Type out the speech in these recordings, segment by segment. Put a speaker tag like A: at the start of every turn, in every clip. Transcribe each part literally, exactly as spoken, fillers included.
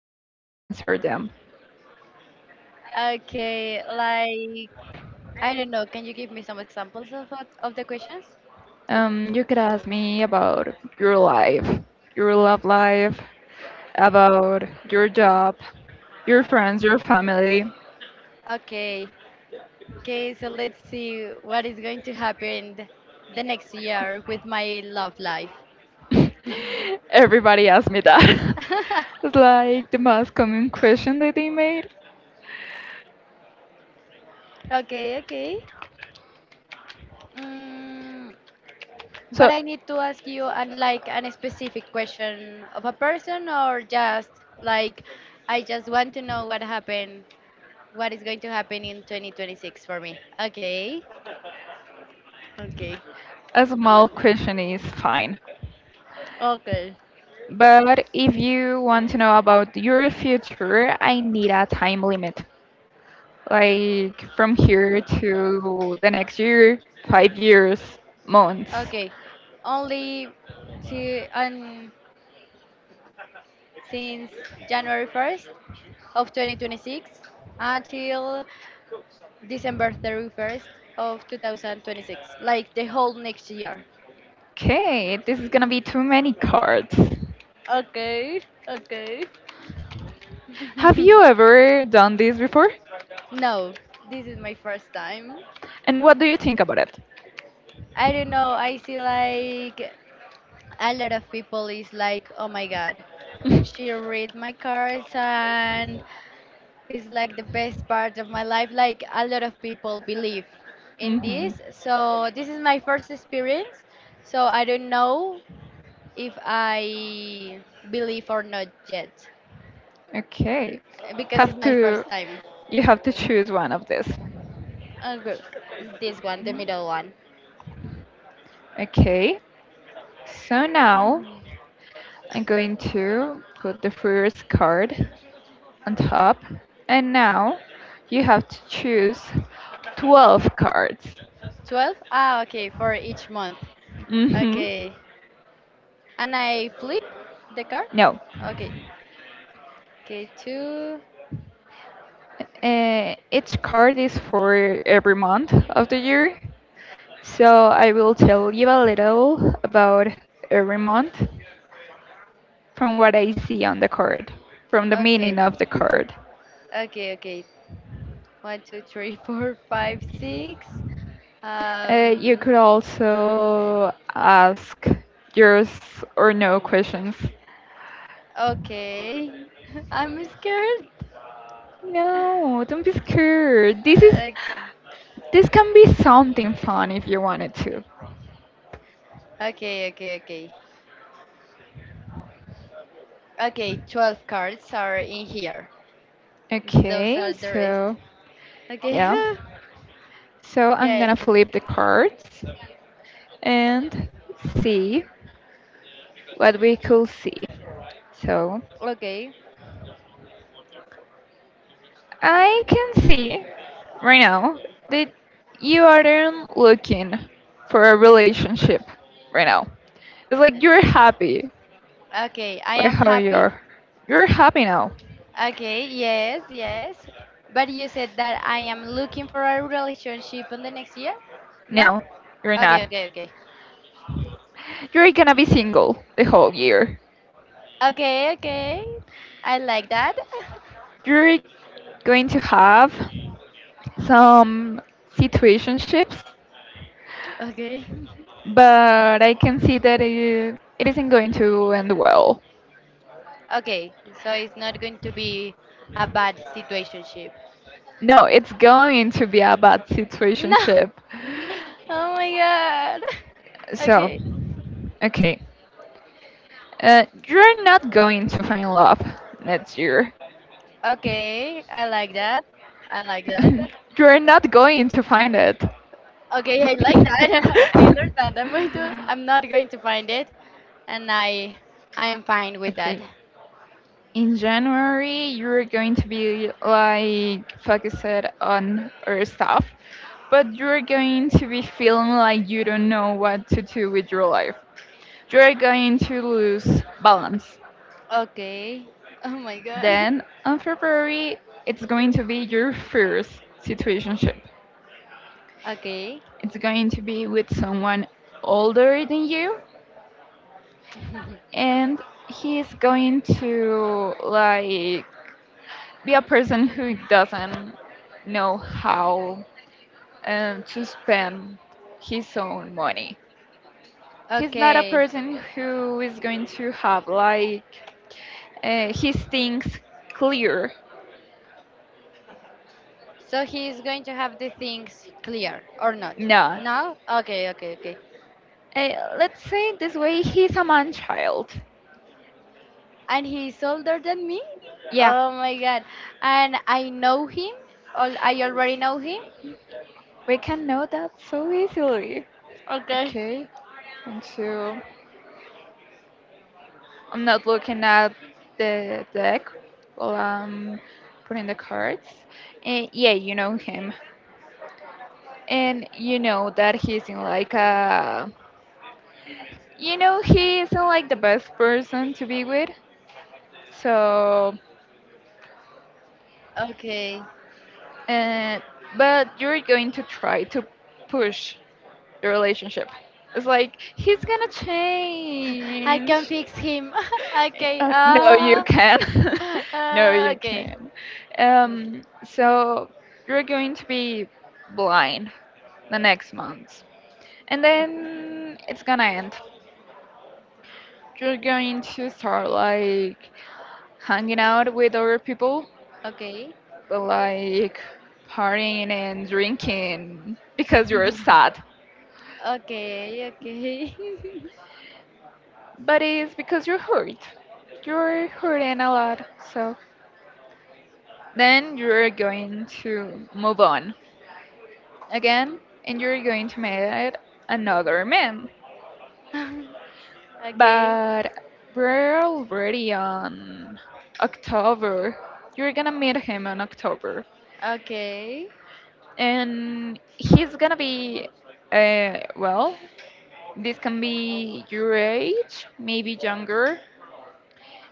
A: I'm going to answer them.
B: okay. Like I don't know. Can you give me some examples of what- of the questions?
A: Um, you could ask me about your life, your love life, about your job, your friends, your family.
B: Okay, okay. So let's see what is going to happen th- the next year with my love life.
A: Everybody asked me that. It's like the most common question that they made.
B: okay, okay. Mm,
A: So
B: but I need to ask you and like an specific question of a person or just like I just want to know what happened what is going to happen in twenty twenty-six for me. Okay. Okay.
A: A small question is fine.
B: Okay.
A: But if you want to know about your future, I need a time limit. Like from here to the next year, five years, months.
B: Okay. Only see and since January first of twenty twenty-six until December thirty-first of two thousand twenty-six, like the whole next year.
A: Okay, this is gonna be too many cards.
B: Okay. Okay.
A: Have you ever done this before?
B: No, this is my first time.
A: And what do you think about
B: I don't know. I see like a lot of people is like, oh my god,
A: it?
B: she read my cards and it's like the best part of my life. Like a lot of people believe in
A: Hmm.
B: this. So this is my first experience. So I don't know if I believe or not yet,
A: Okay.
B: because it's
A: Have
B: my
A: to
B: first time.
A: you have to choose one of these.
B: Okay, this one, the middle one.
A: Okay. So now I'm going to put the first card on top, and now you have to choose twelve cards.
B: twelve? Ah, okay, for each month.
A: Mhm.
B: Okay. And I flip the card.
A: No.
B: Okay. Okay, two.
A: Uh, each card is for every month of the year. So I will tell you a little about every month from what I see on the card, from the meaning
B: Okay.
A: of the card.
B: Okay, okay. One, two, three, four, five, six.
A: Uh, you could
B: Um, seven.
A: also ask yes or no questions.
B: Okay. I'm scared.
A: No, don't be scared. This is
B: Okay.
A: this can be something fun if you wanted to.
B: Okay, okay, okay. Okay, twelve cards are in here. Those are
A: Okay,
B: the rest.
A: so
B: Okay.
A: yeah. So I'm gonna
B: okay.
A: flip the cards and see what we could see. So
B: Okay.
A: I can see right now that you aren't looking for a relationship right now. It's like you're happy.
B: Okay. I
A: Like
B: am
A: how
B: happy.
A: you're you're happy now.
B: Okay, yes, yes. But you said that I am looking for a relationship in the next year? No?
A: No, you're
B: Okay,
A: not.
B: okay, okay.
A: You're gonna be single the whole year.
B: Okay, okay. I like that.
A: You're going to have some situationships,
B: Okay.
A: but I can see that it, it isn't going to end well.
B: Okay, so it's not going to be a bad situationship.
A: No, it's going to be a bad
B: No.
A: situationship.
B: Oh my god.
A: So,
B: Okay.
A: okay. Uh, you're not going to find love next year.
B: Okay, I like that. I like that.
A: You're not going to find it.
B: Okay, I like that. I understand. I'm going to, I'm not going to find it, and I I am
A: With okay,
B: fine
A: that.
B: with that.
A: Okay. In January, you're going to be like focused on your stuff, but you're going to be feeling like you don't know what to do with your life. You're going to lose balance.
B: Okay. Oh my god.
A: Then on February, it's going to be your first situationship.
B: Okay.
A: It's going to be with someone older than you, and he's going to like be a person who doesn't know how um, to spend his own money. He's not a
B: Okay.
A: person who is going to have like uh, his things clear.
B: So he is going to have the things clear or not?
A: No.
B: No? Okay, okay, okay.
A: Uh, let's say it this way, he's a man child.
B: And he's older than me.
A: Yeah,
B: Oh my god. And I know him. Al- I already know him.
A: we can know that so easily.
B: Okay.
A: Okay, and so I'm not looking at the deck while I'm putting the cards. And yeah, you know him. And you know that he's in like a. You know, he isn't like the best person to be with. So.
B: Okay.
A: Uh, but you're going to try to push the relationship. It's like he's gonna
B: I can
A: change.
B: fix him. okay.
A: Uh, no, you
B: Uh,
A: can. No,
B: uh,
A: you
B: okay.
A: can. Um, so you're going to be blind the next month, and then it's gonna end. You're going to start like hanging out with other people,
B: Okay. Okay.
A: but like partying and drinking because you're sad.
B: Okay. Okay.
A: But it's because you're hurt. You're hurting a lot. So then you're going to move on again, and you're going to meet another man.
B: Okay. Okay.
A: But we're already on October. You're gonna meet him in October.
B: Okay.
A: And he's gonna be, uh, well, this can be your age, maybe younger,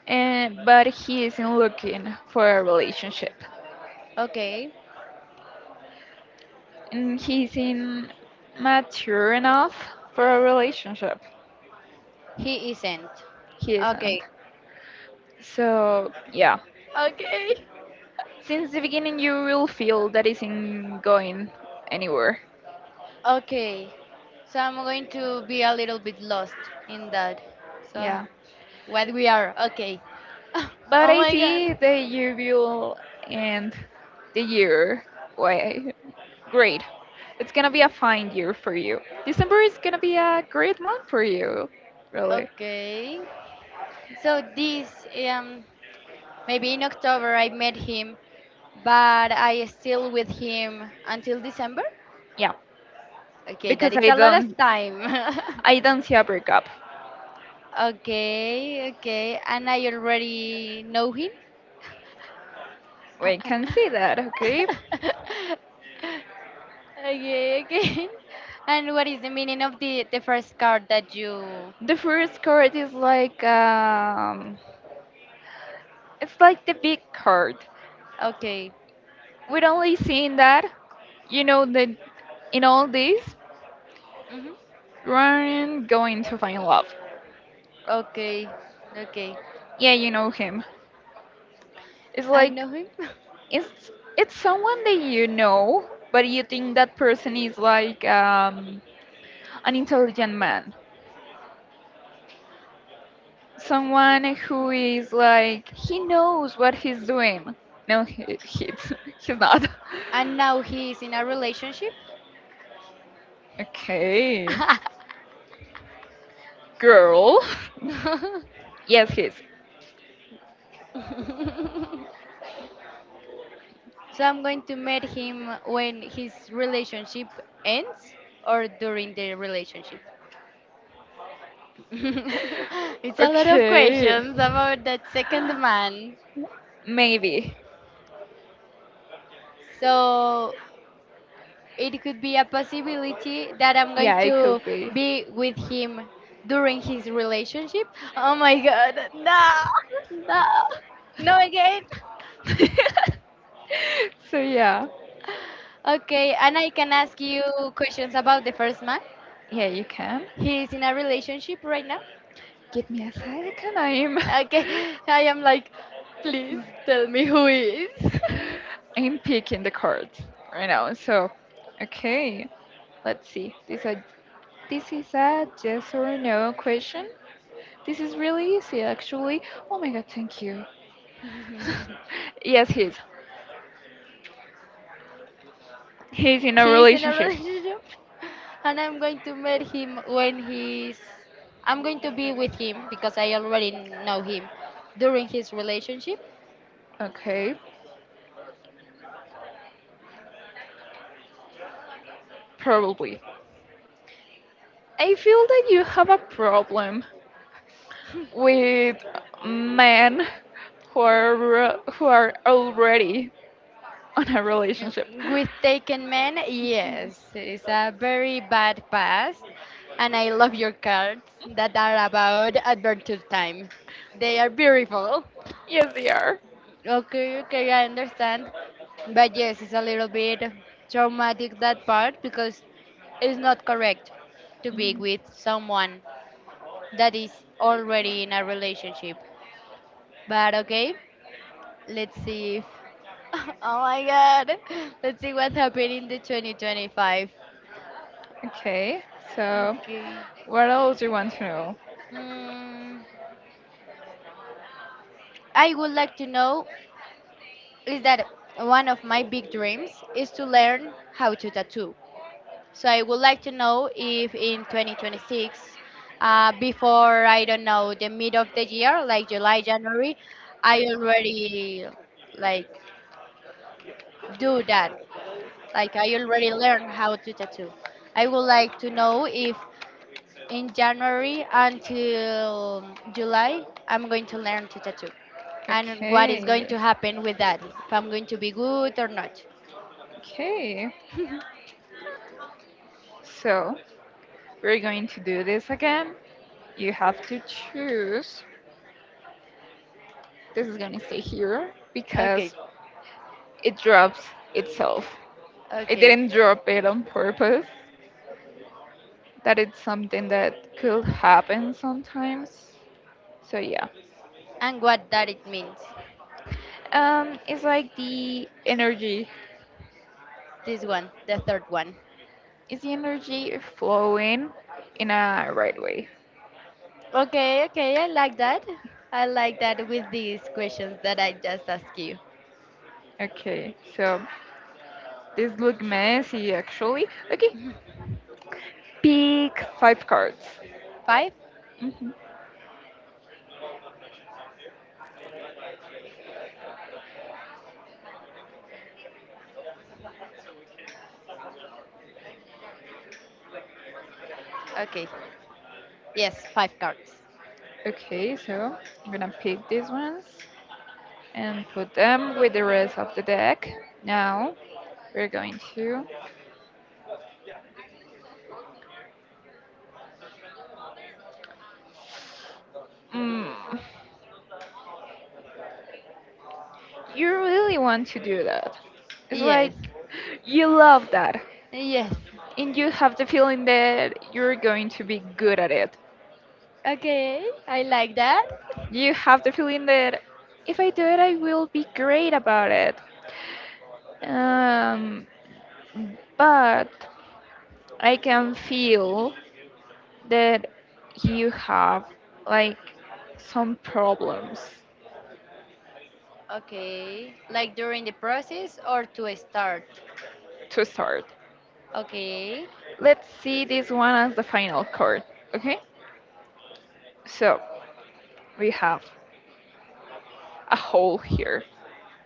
A: and, but he isn't looking for a relationship.
B: Okay.
A: Mm, he's in mature enough for a relationship.
B: He isn't.
A: He isn't.
B: Okay.
A: So yeah,
B: Okay.
A: since the beginning you will feel that isn't going anywhere.
B: Okay. So I'm going to be a little bit lost in that. So uh,
A: Yeah,
B: what we are. Okay.
A: but
B: oh
A: I
B: my
A: see
B: god.
A: that you will end the year. Why? Great. It's gonna be a fine year for you. December is gonna be a great month for you, really.
B: Okay. So this um maybe in October I met him, but I still with him until December.
A: Yeah,
B: Okay, that
A: because
B: it's
A: I
B: a lot of
A: don't,
B: time.
A: I don't see a breakup.
B: okay, okay, and I already know him.
A: We can see that, okay?
B: okay, okay. And what is the meaning of the the first card that you?
A: The first card is like um, it's like the big card.
B: Okay.
A: We're only seeing that, you know, that in all this,
B: Mm-hmm.
A: Ryan going to find love.
B: Okay. Okay.
A: Yeah, you know him. It's
B: I
A: like
B: know him.
A: it's it's someone that you know, but you think that person is like um, an intelligent man, someone who is like he knows what he's doing. No, he, he's he's not.
B: And now he is in a relationship.
A: Okay, girl. Yes, he's.
B: so I'm going to meet him when his relationship ends or during the relationship. it's a lot of
A: Okay.
B: questions about that second man.
A: Maybe.
B: So it could be a possibility that I'm going
A: Yeah, it could
B: to
A: be.
B: be with him during his relationship. Oh my god, no, no, no again.
A: So yeah,
B: Okay, and I can ask you questions about the first man.
A: yeah, you can.
B: He is in a relationship right now.
A: Give me a second. I'm
B: Okay, I am like, please tell me who he is.
A: I'm picking the cards right now. So, okay, let's see. This a this is a yes or no question. This is really easy, actually. Oh my god, thank you. Yes, he's. He's in a
B: he is in a
A: relationship.
B: relationship, and I'm going to meet him when he's. I'm going to be with him because I already know him during his relationship.
A: Okay, probably. I feel that you have a problem with men who are who are already on a
B: Uh,
A: relationship.
B: With Taken Man, yes, it's a very bad past, and I love your cards that are about adventure time. They are beautiful.
A: Yes, they are.
B: Okay, okay, I understand. But yes, it's a little bit traumatic that part because it's not correct to be with someone that is already in a relationship. But okay, let's see if. Oh my god! Let's see what happened in the twenty twenty-five.
A: Okay, so
B: Okay.
A: what else do you want to know?
B: Hmm. I would like to know is that one of my big dreams is to learn how to tattoo. So I would like to know if in twenty twenty-six, uh, before I don't know the mid of the year, like July, January, I already like do that. Like I already learned how to tattoo. I would like to know if in January until July, I'm going to learn to tattoo, and what is going to
A: Okay,
B: happen with that, if I'm going to be good or not.
A: okay. So we're going to do this again. You have to choose. This is gonna stay here
B: okay,
A: because it drops itself. It
B: okay,
A: didn't drop it on purpose. That it's something that could happen sometimes. So yeah.
B: and what that it means.
A: Um, it's like the energy.
B: This one, the third one.
A: Is the energy flowing in a right way?
B: Okay, okay, I like that. I like that with these questions that I just asked you.
A: Okay, so this look messy actually. Okay, pick five cards.
B: Five?
A: Hmm.
B: Okay. Yes, five cards.
A: Okay, so I'm gonna pick these ones and put them with the rest of the deck. Now we're going to. Mm, you really want to do that. It's
B: Yes.
A: like you love that,
B: Yes.
A: and you have the feeling that you're going to be good at it.
B: Okay, I like that.
A: You have the feeling that if I do it, I will be great about it. Um, but I can feel that you have like some problems
B: Okay. Like during the process or to start?
A: to start.
B: Okay.
A: Let's see this one as the final chord, okay? So we have a hole here,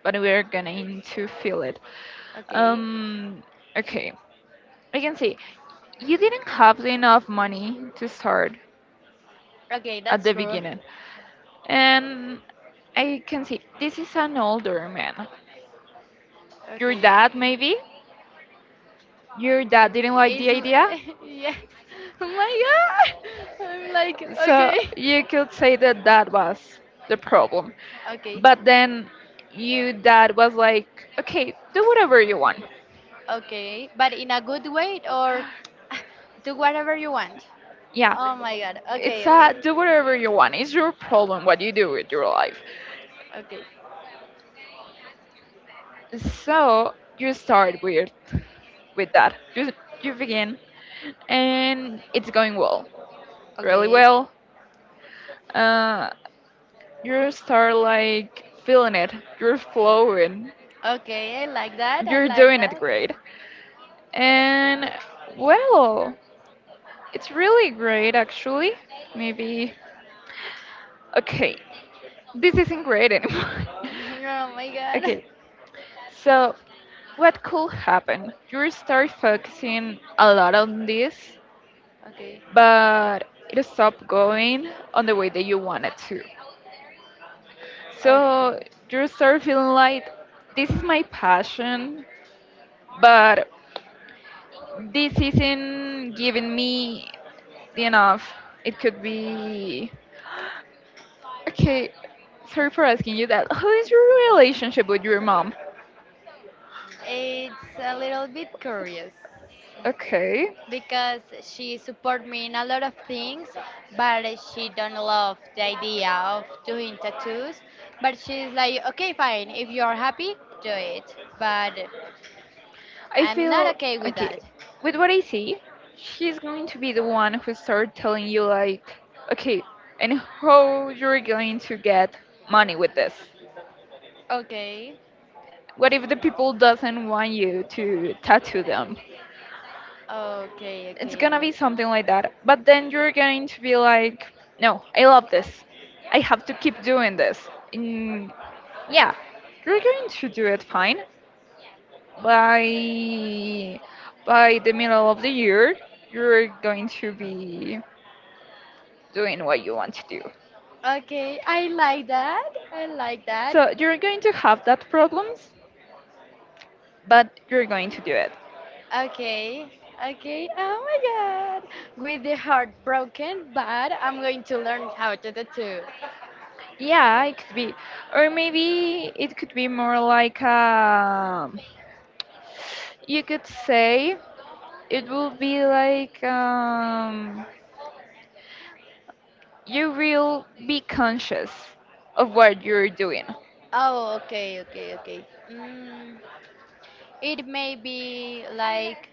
A: but we're going to fill it.
B: Okay.
A: Um, okay, I can see you didn't have enough money to start
B: Okay,
A: at
B: that's
A: the
B: true.
A: beginning, and I can see this is an older man. Your
B: Okay.
A: dad, maybe? Your dad didn't like
B: Is
A: the idea?
B: yes. Oh my god. I'm like
A: So
B: okay.
A: you could say that that was the problem.
B: Okay.
A: But then you dad was like, okay, do whatever you want.
B: Okay. But in a good way or do whatever you want.
A: Yeah,
B: Oh my god.
A: it's
B: Okay, okay.
A: a do whatever you want. It's your problem what you do with your life.
B: Okay.
A: So you start with with that. You you begin and it's going well, really
B: Okay.
A: well. Uh, you start like feeling it. You're flowing.
B: Okay, I like that. I
A: You're
B: like
A: doing it
B: that.
A: great. And well, it's really great, actually. Maybe. Okay, this isn't great anymore.
B: oh my god.
A: Okay, so what could happen? You start focusing a lot on this,
B: Okay.
A: but it stopped going on the way that you wanted to. So
B: Okay.
A: you start feeling like this is my passion, but this isn't giving me enough. It could be. Okay, sorry for asking you that. How is your relationship with your mom?
B: It's a little bit curious
A: Okay.
B: because she support me in a lot of things, but she don't love the idea of doing tattoos. But she's like, okay, fine. If you are happy, do it. But
A: I
B: I'm not
A: feel
B: okay with
A: okay.
B: that.
A: With what I see, she's going to be the one who start telling you like, okay, and how you're going to get money with this.
B: Okay,
A: What if the people doesn't want you to tattoo them?
B: okay,
A: It's
B: okay,
A: gonna be
B: understand.
A: something like that. But then you're going to be like, no, I love this. I have to keep doing this. And yeah, you're going to do it fine. By by the middle of the year you're going to be doing what you want to do,
B: Okay, I like that. I like
A: so
B: that.
A: you're going to have that problems, but you're going to do it.
B: Okay, okay. Oh my god. With the heart broken, but I'm going to learn how to tattoo.
A: Yeah, it could be, or maybe it could be more like um you could say it will be like um you will be conscious of what you're doing.
B: Oh, okay, okay, okay. Mm, it may be like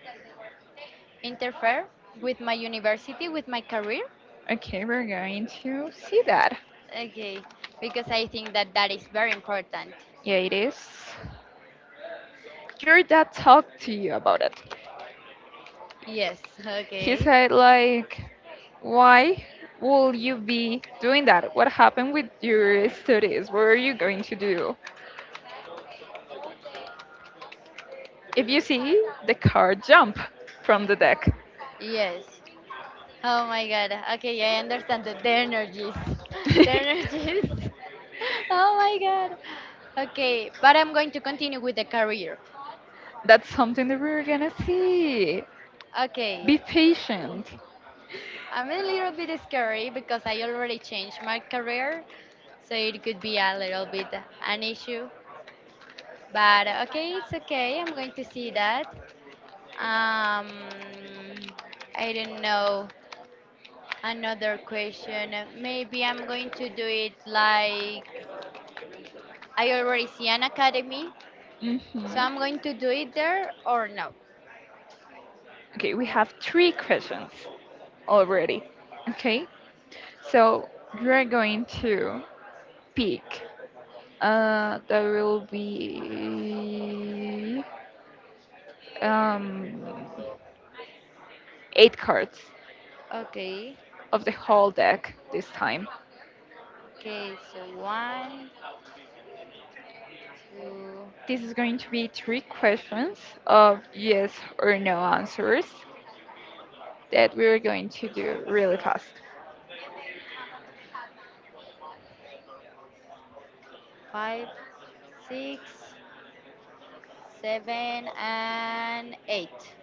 B: interfere with my university, with my career.
A: Okay, we're going to see that.
B: Okay, because I think that that is very important.
A: Yeah, it is. Your dad talked to you about it?
B: Yes,
A: He
B: okay.
A: said like, why will you be doing that? What happened with your studies? What are you going to do? If you see the car jump from the deck,
B: Yes, oh my god. Okay, yeah, I understand the, the energies. The energies. Oh my god. Okay, but I'm going to continue with the career.
A: that's something that we're gonna see.
B: Okay,
A: Be patient.
B: I'm a little bit scary because I already changed my career, so it could be a little bit an issue. But okay, it's okay. I'm going to see that. Um, I don't know. Another question. Maybe I'm going to do it like I already see an academy. So I'm
A: Hmm.
B: going to do it there or no?
A: Okay, we have three questions already. Okay, so you're going to pick. Uh, there will be um, eight cards
B: Okay.
A: of the whole deck this time.
B: Okay, so one, two,
A: This is going to be three questions of yes or no answers that we're going to do really fast.
B: five, six, seven, and eight.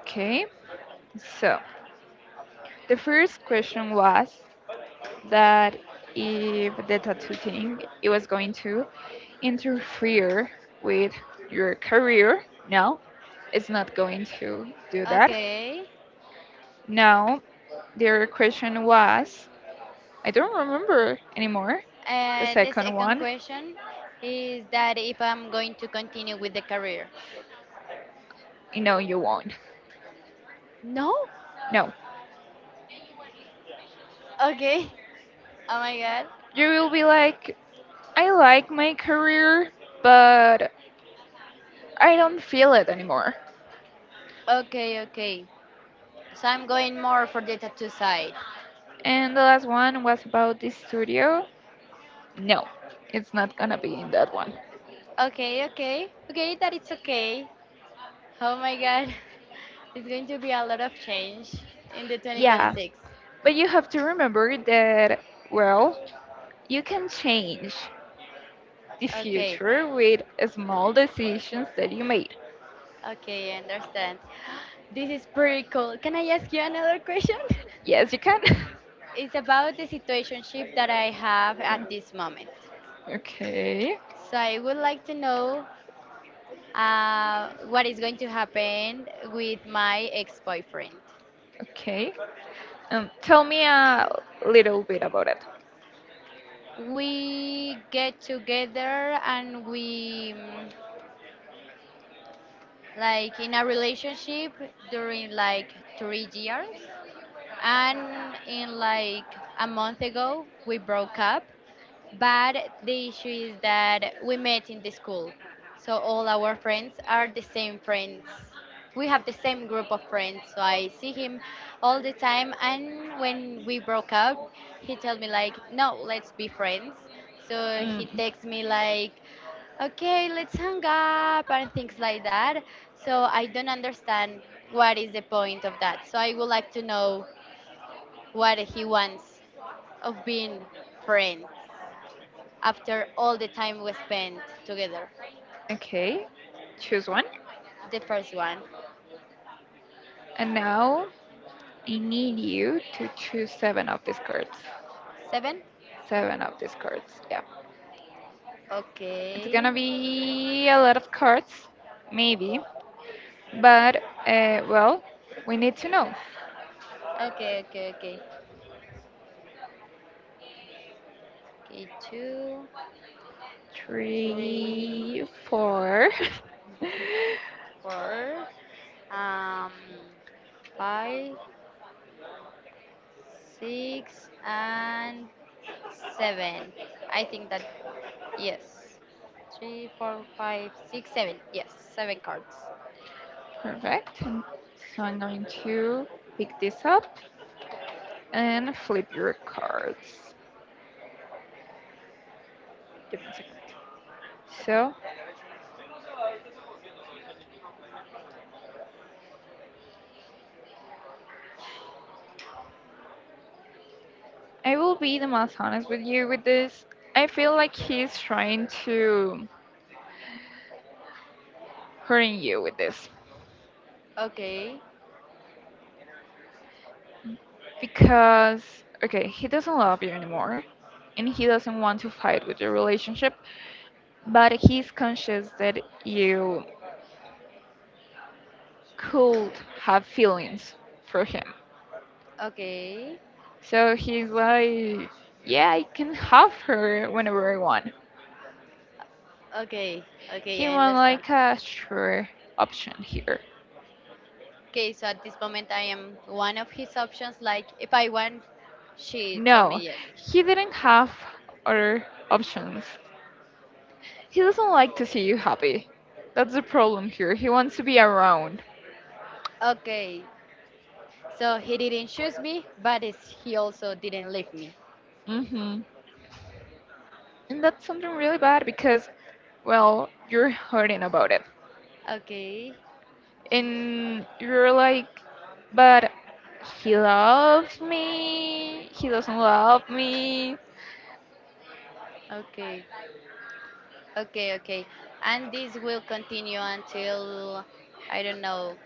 A: Okay, so the first question was that if the tattoo thing it was going to interfere with your career. No, it's not going to do that.
B: Okay.
A: No, the other question was I don't remember anymore. The
B: Uh, the
A: second
B: second
A: one.
B: question is that if I'm going to continue with the career.
A: No, you won't.
B: No?
A: No.
B: Okay. Oh my god.
A: You will be like, I like my career, but I don't feel it anymore.
B: Okay, okay. So I'm going more for the tattoo side.
A: And the last one was about the studio. No, it's not gonna be in that one.
B: Okay, okay. Okay, that it's okay. Oh my god. It's going to be a lot of change in the
A: Yeah,
B: twenty twenty-six.
A: but you have to remember that, well, you can change the
B: Okay,
A: future with small decisions that you made.
B: okay, I understand. This is pretty cool. Can I ask you another question?
A: Yes, you can.
B: it's about the situationship that I have at this moment.
A: Okay,
B: So I would like to know uh, what is going to happen with my ex-boyfriend.
A: okay. Um, tell me a little bit about it.
B: We get together and we mm, like in a relationship during like three years. And in like a month ago, we broke up. But the issue is that we met in the school. So all our friends are the same friends. We have the same group of friends. So I see him all the time. And when we broke up, he told me like, no, let's be friends. So he
A: Mm.
B: texts me like, okay, let's hang up and things like that. So I don't understand what is the point of that. So I would like to know what he wants of being friends after all the time we spent together.
A: Okay, choose one.
B: The first one.
A: And now I need you to choose seven of these cards.
B: Seven?
A: Seven of these cards, yeah. It's
B: Okay.
A: gonna be a lot of cards, maybe. But, uh, well, we need to know.
B: Okay, okay, okay. Okay, two, three,
A: Three, four,
B: four, um, five, six, and seven. I think that, yes. Three, four, five, six, seven. Yes, seven cards.
A: perfect. So I'm going to pick this up and flip your cards. Give me a second. So I will be the most honest with you with this. I feel like he's trying to hurt you with this
B: Okay,
A: because okay, he doesn't love you anymore and he doesn't want to fight with your relationship, but he's conscious that you could have feelings for him.
B: okay,
A: So he's like, yeah, I can have her whenever I want.
B: okay, okay,
A: He
B: I
A: want
B: understand.
A: like a sure option here.
B: Okay, so at this moment I am one of his options. Like if I want, she tell
A: No,
B: me yes.
A: he didn't have other options. He doesn't like to see you happy. That's the problem here. He wants to be around.
B: Okay. So he didn't choose me, but it's, he also didn't leave me.
A: Hmm. And that's something really bad because, well, you're hurting about it,
B: Okay.
A: and you're like, but he loves me, he doesn't love me.
B: Okay. Okay, okay. And this will continue until, I don't know,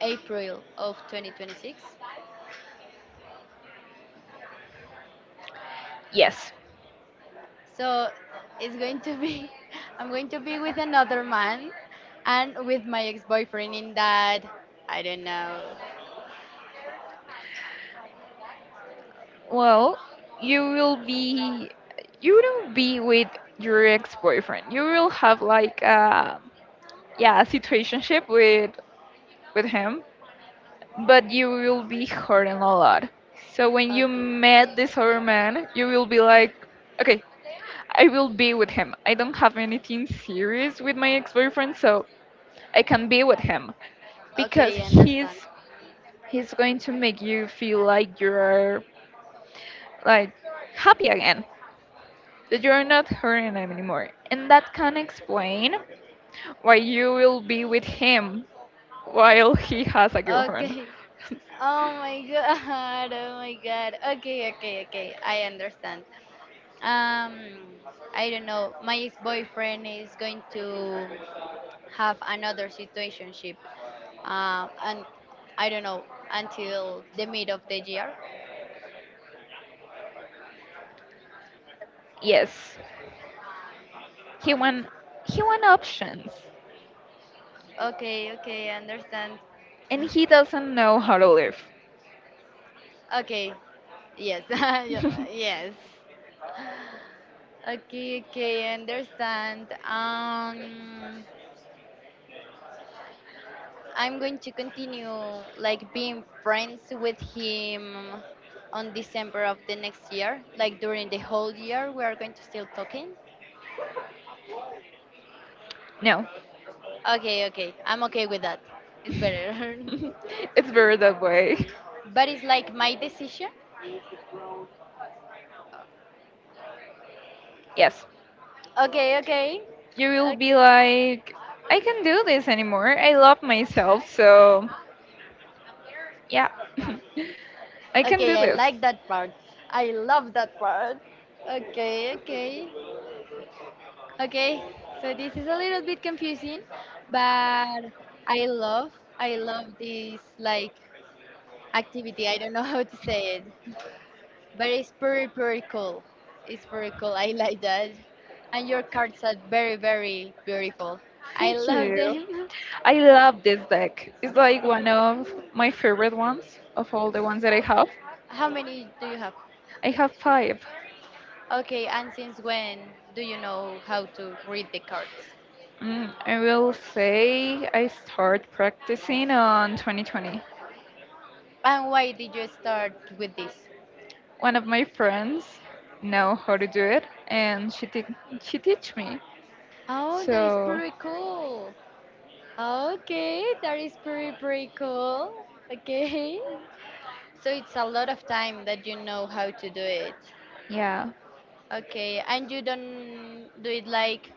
B: April of twenty twenty-six.
A: Yes.
B: So it's going to be, I'm going to be with another man and with my ex boyfriend in that, I don't know,
A: Well, you will be, you wouldn't be with your ex-boyfriend. You will have like a, yeah, a situationship with with him, but you will be hurting a lot. So when you
B: okay.
A: met this other man, you will be like, okay, I will be with him. I don't have anything serious with my ex-boyfriend, so I can be with him because
B: Okay, I
A: he's
B: understand.
A: he's going to make you feel like you're like happy again, that you're not hurting him anymore, and that can explain why you will be with him while he has a girlfriend.
B: Okay. Oh my god. Oh my god. Okay, okay, okay. I understand. Um I don't know. My ex-boyfriend is going to have another situationship. Um and I don't know until the mid of the year.
A: Yes, he want he want options
B: Okay, okay, I understand.
A: and he doesn't know how to live.
B: Okay. Yes. Yo- Yes. Okay, okay, I understand. Um, I'm going to continue like being friends with him on December of the next year. Like during the whole year, we are going to still talking.
A: No.
B: Okay, okay, I'm okay with that. It's better.
A: It's better that way.
B: but it's like my decision.
A: Yes,
B: Okay, okay,
A: you will be
B: okay,
A: like, I can do this anymore. I love myself. So, yeah, I can
B: okay.
A: do
B: I
A: this.
B: like that part. I love that part. Okay, okay. Okay, so this is a little bit confusing, but I love I love this like activity. I don't know how to say it, but it's pretty pretty cool. It's pretty cool. I like that. And your cards are very very beautiful. I
A: Thank
B: love
A: you.
B: them.
A: I love this deck. It's like one of my favorite ones of all the ones that I have.
B: How many do you have?
A: I have five.
B: Okay, and since when do you know how to read the cards?
A: Mm, I will say I start practicing on twenty twenty.
B: And why did you start with this?
A: One of my friends know how to do it, and she te- she teach me.
B: Oh, that is
A: So
B: pretty cool. Okay, that is pretty pretty cool. Okay. So it's a lot of time that you know how to do it.
A: yeah.
B: Okay, and you don't do it like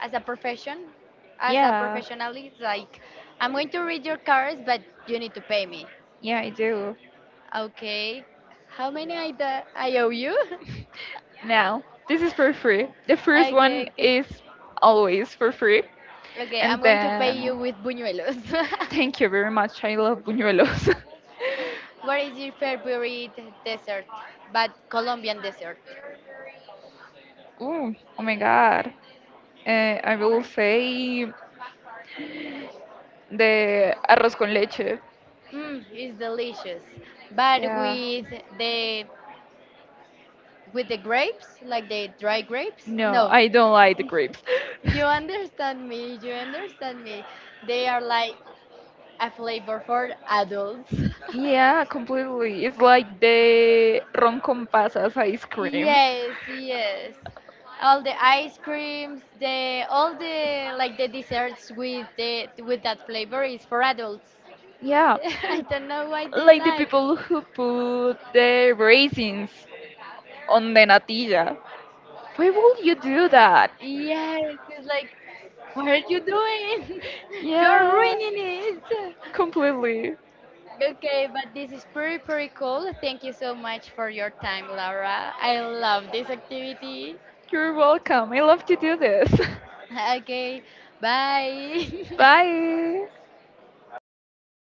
B: as a profession, as a
A: Yeah.
B: professional. It's like I'm going to read your cards, but you need to pay me.
A: Yeah, I do.
B: Okay, how many I da- I owe you?
A: Now, this is for free. The first one
B: okay, okay,
A: is always for free.
B: okay. I'm
A: And
B: going to pay
A: then,
B: you with buñuelos.
A: thank you very much. I love buñuelos.
B: what is your favorite desert? But Colombian desert.
A: Ooh, oh my god. Uh, I will say the arroz con leche.
B: Mm, it's delicious, but
A: Yeah.
B: with the with the grapes, like the dry grapes.
A: No,
B: No,
A: I don't like the grapes.
B: you understand me. You understand me. They are like a flavor for adults.
A: Yeah, completely. It's like the ron con pasas ice cream.
B: yes, yes. All the ice creams, the all the like the desserts with the with that flavor is for adults.
A: Yes.
B: I
A: Yeah,
B: don't know why they
A: like the
B: like.
A: people who put the raisins on the natilla. Why would you do that?
B: Yes, it's like, what are you doing? You're
A: Yeah,
B: ruining it.
A: completely.
B: Okay, but this is pretty, pretty cool. Thank you so much for your time, Laura. I love this activity.
A: You're welcome. I love to do this.
B: Okay, bye.
A: Bye.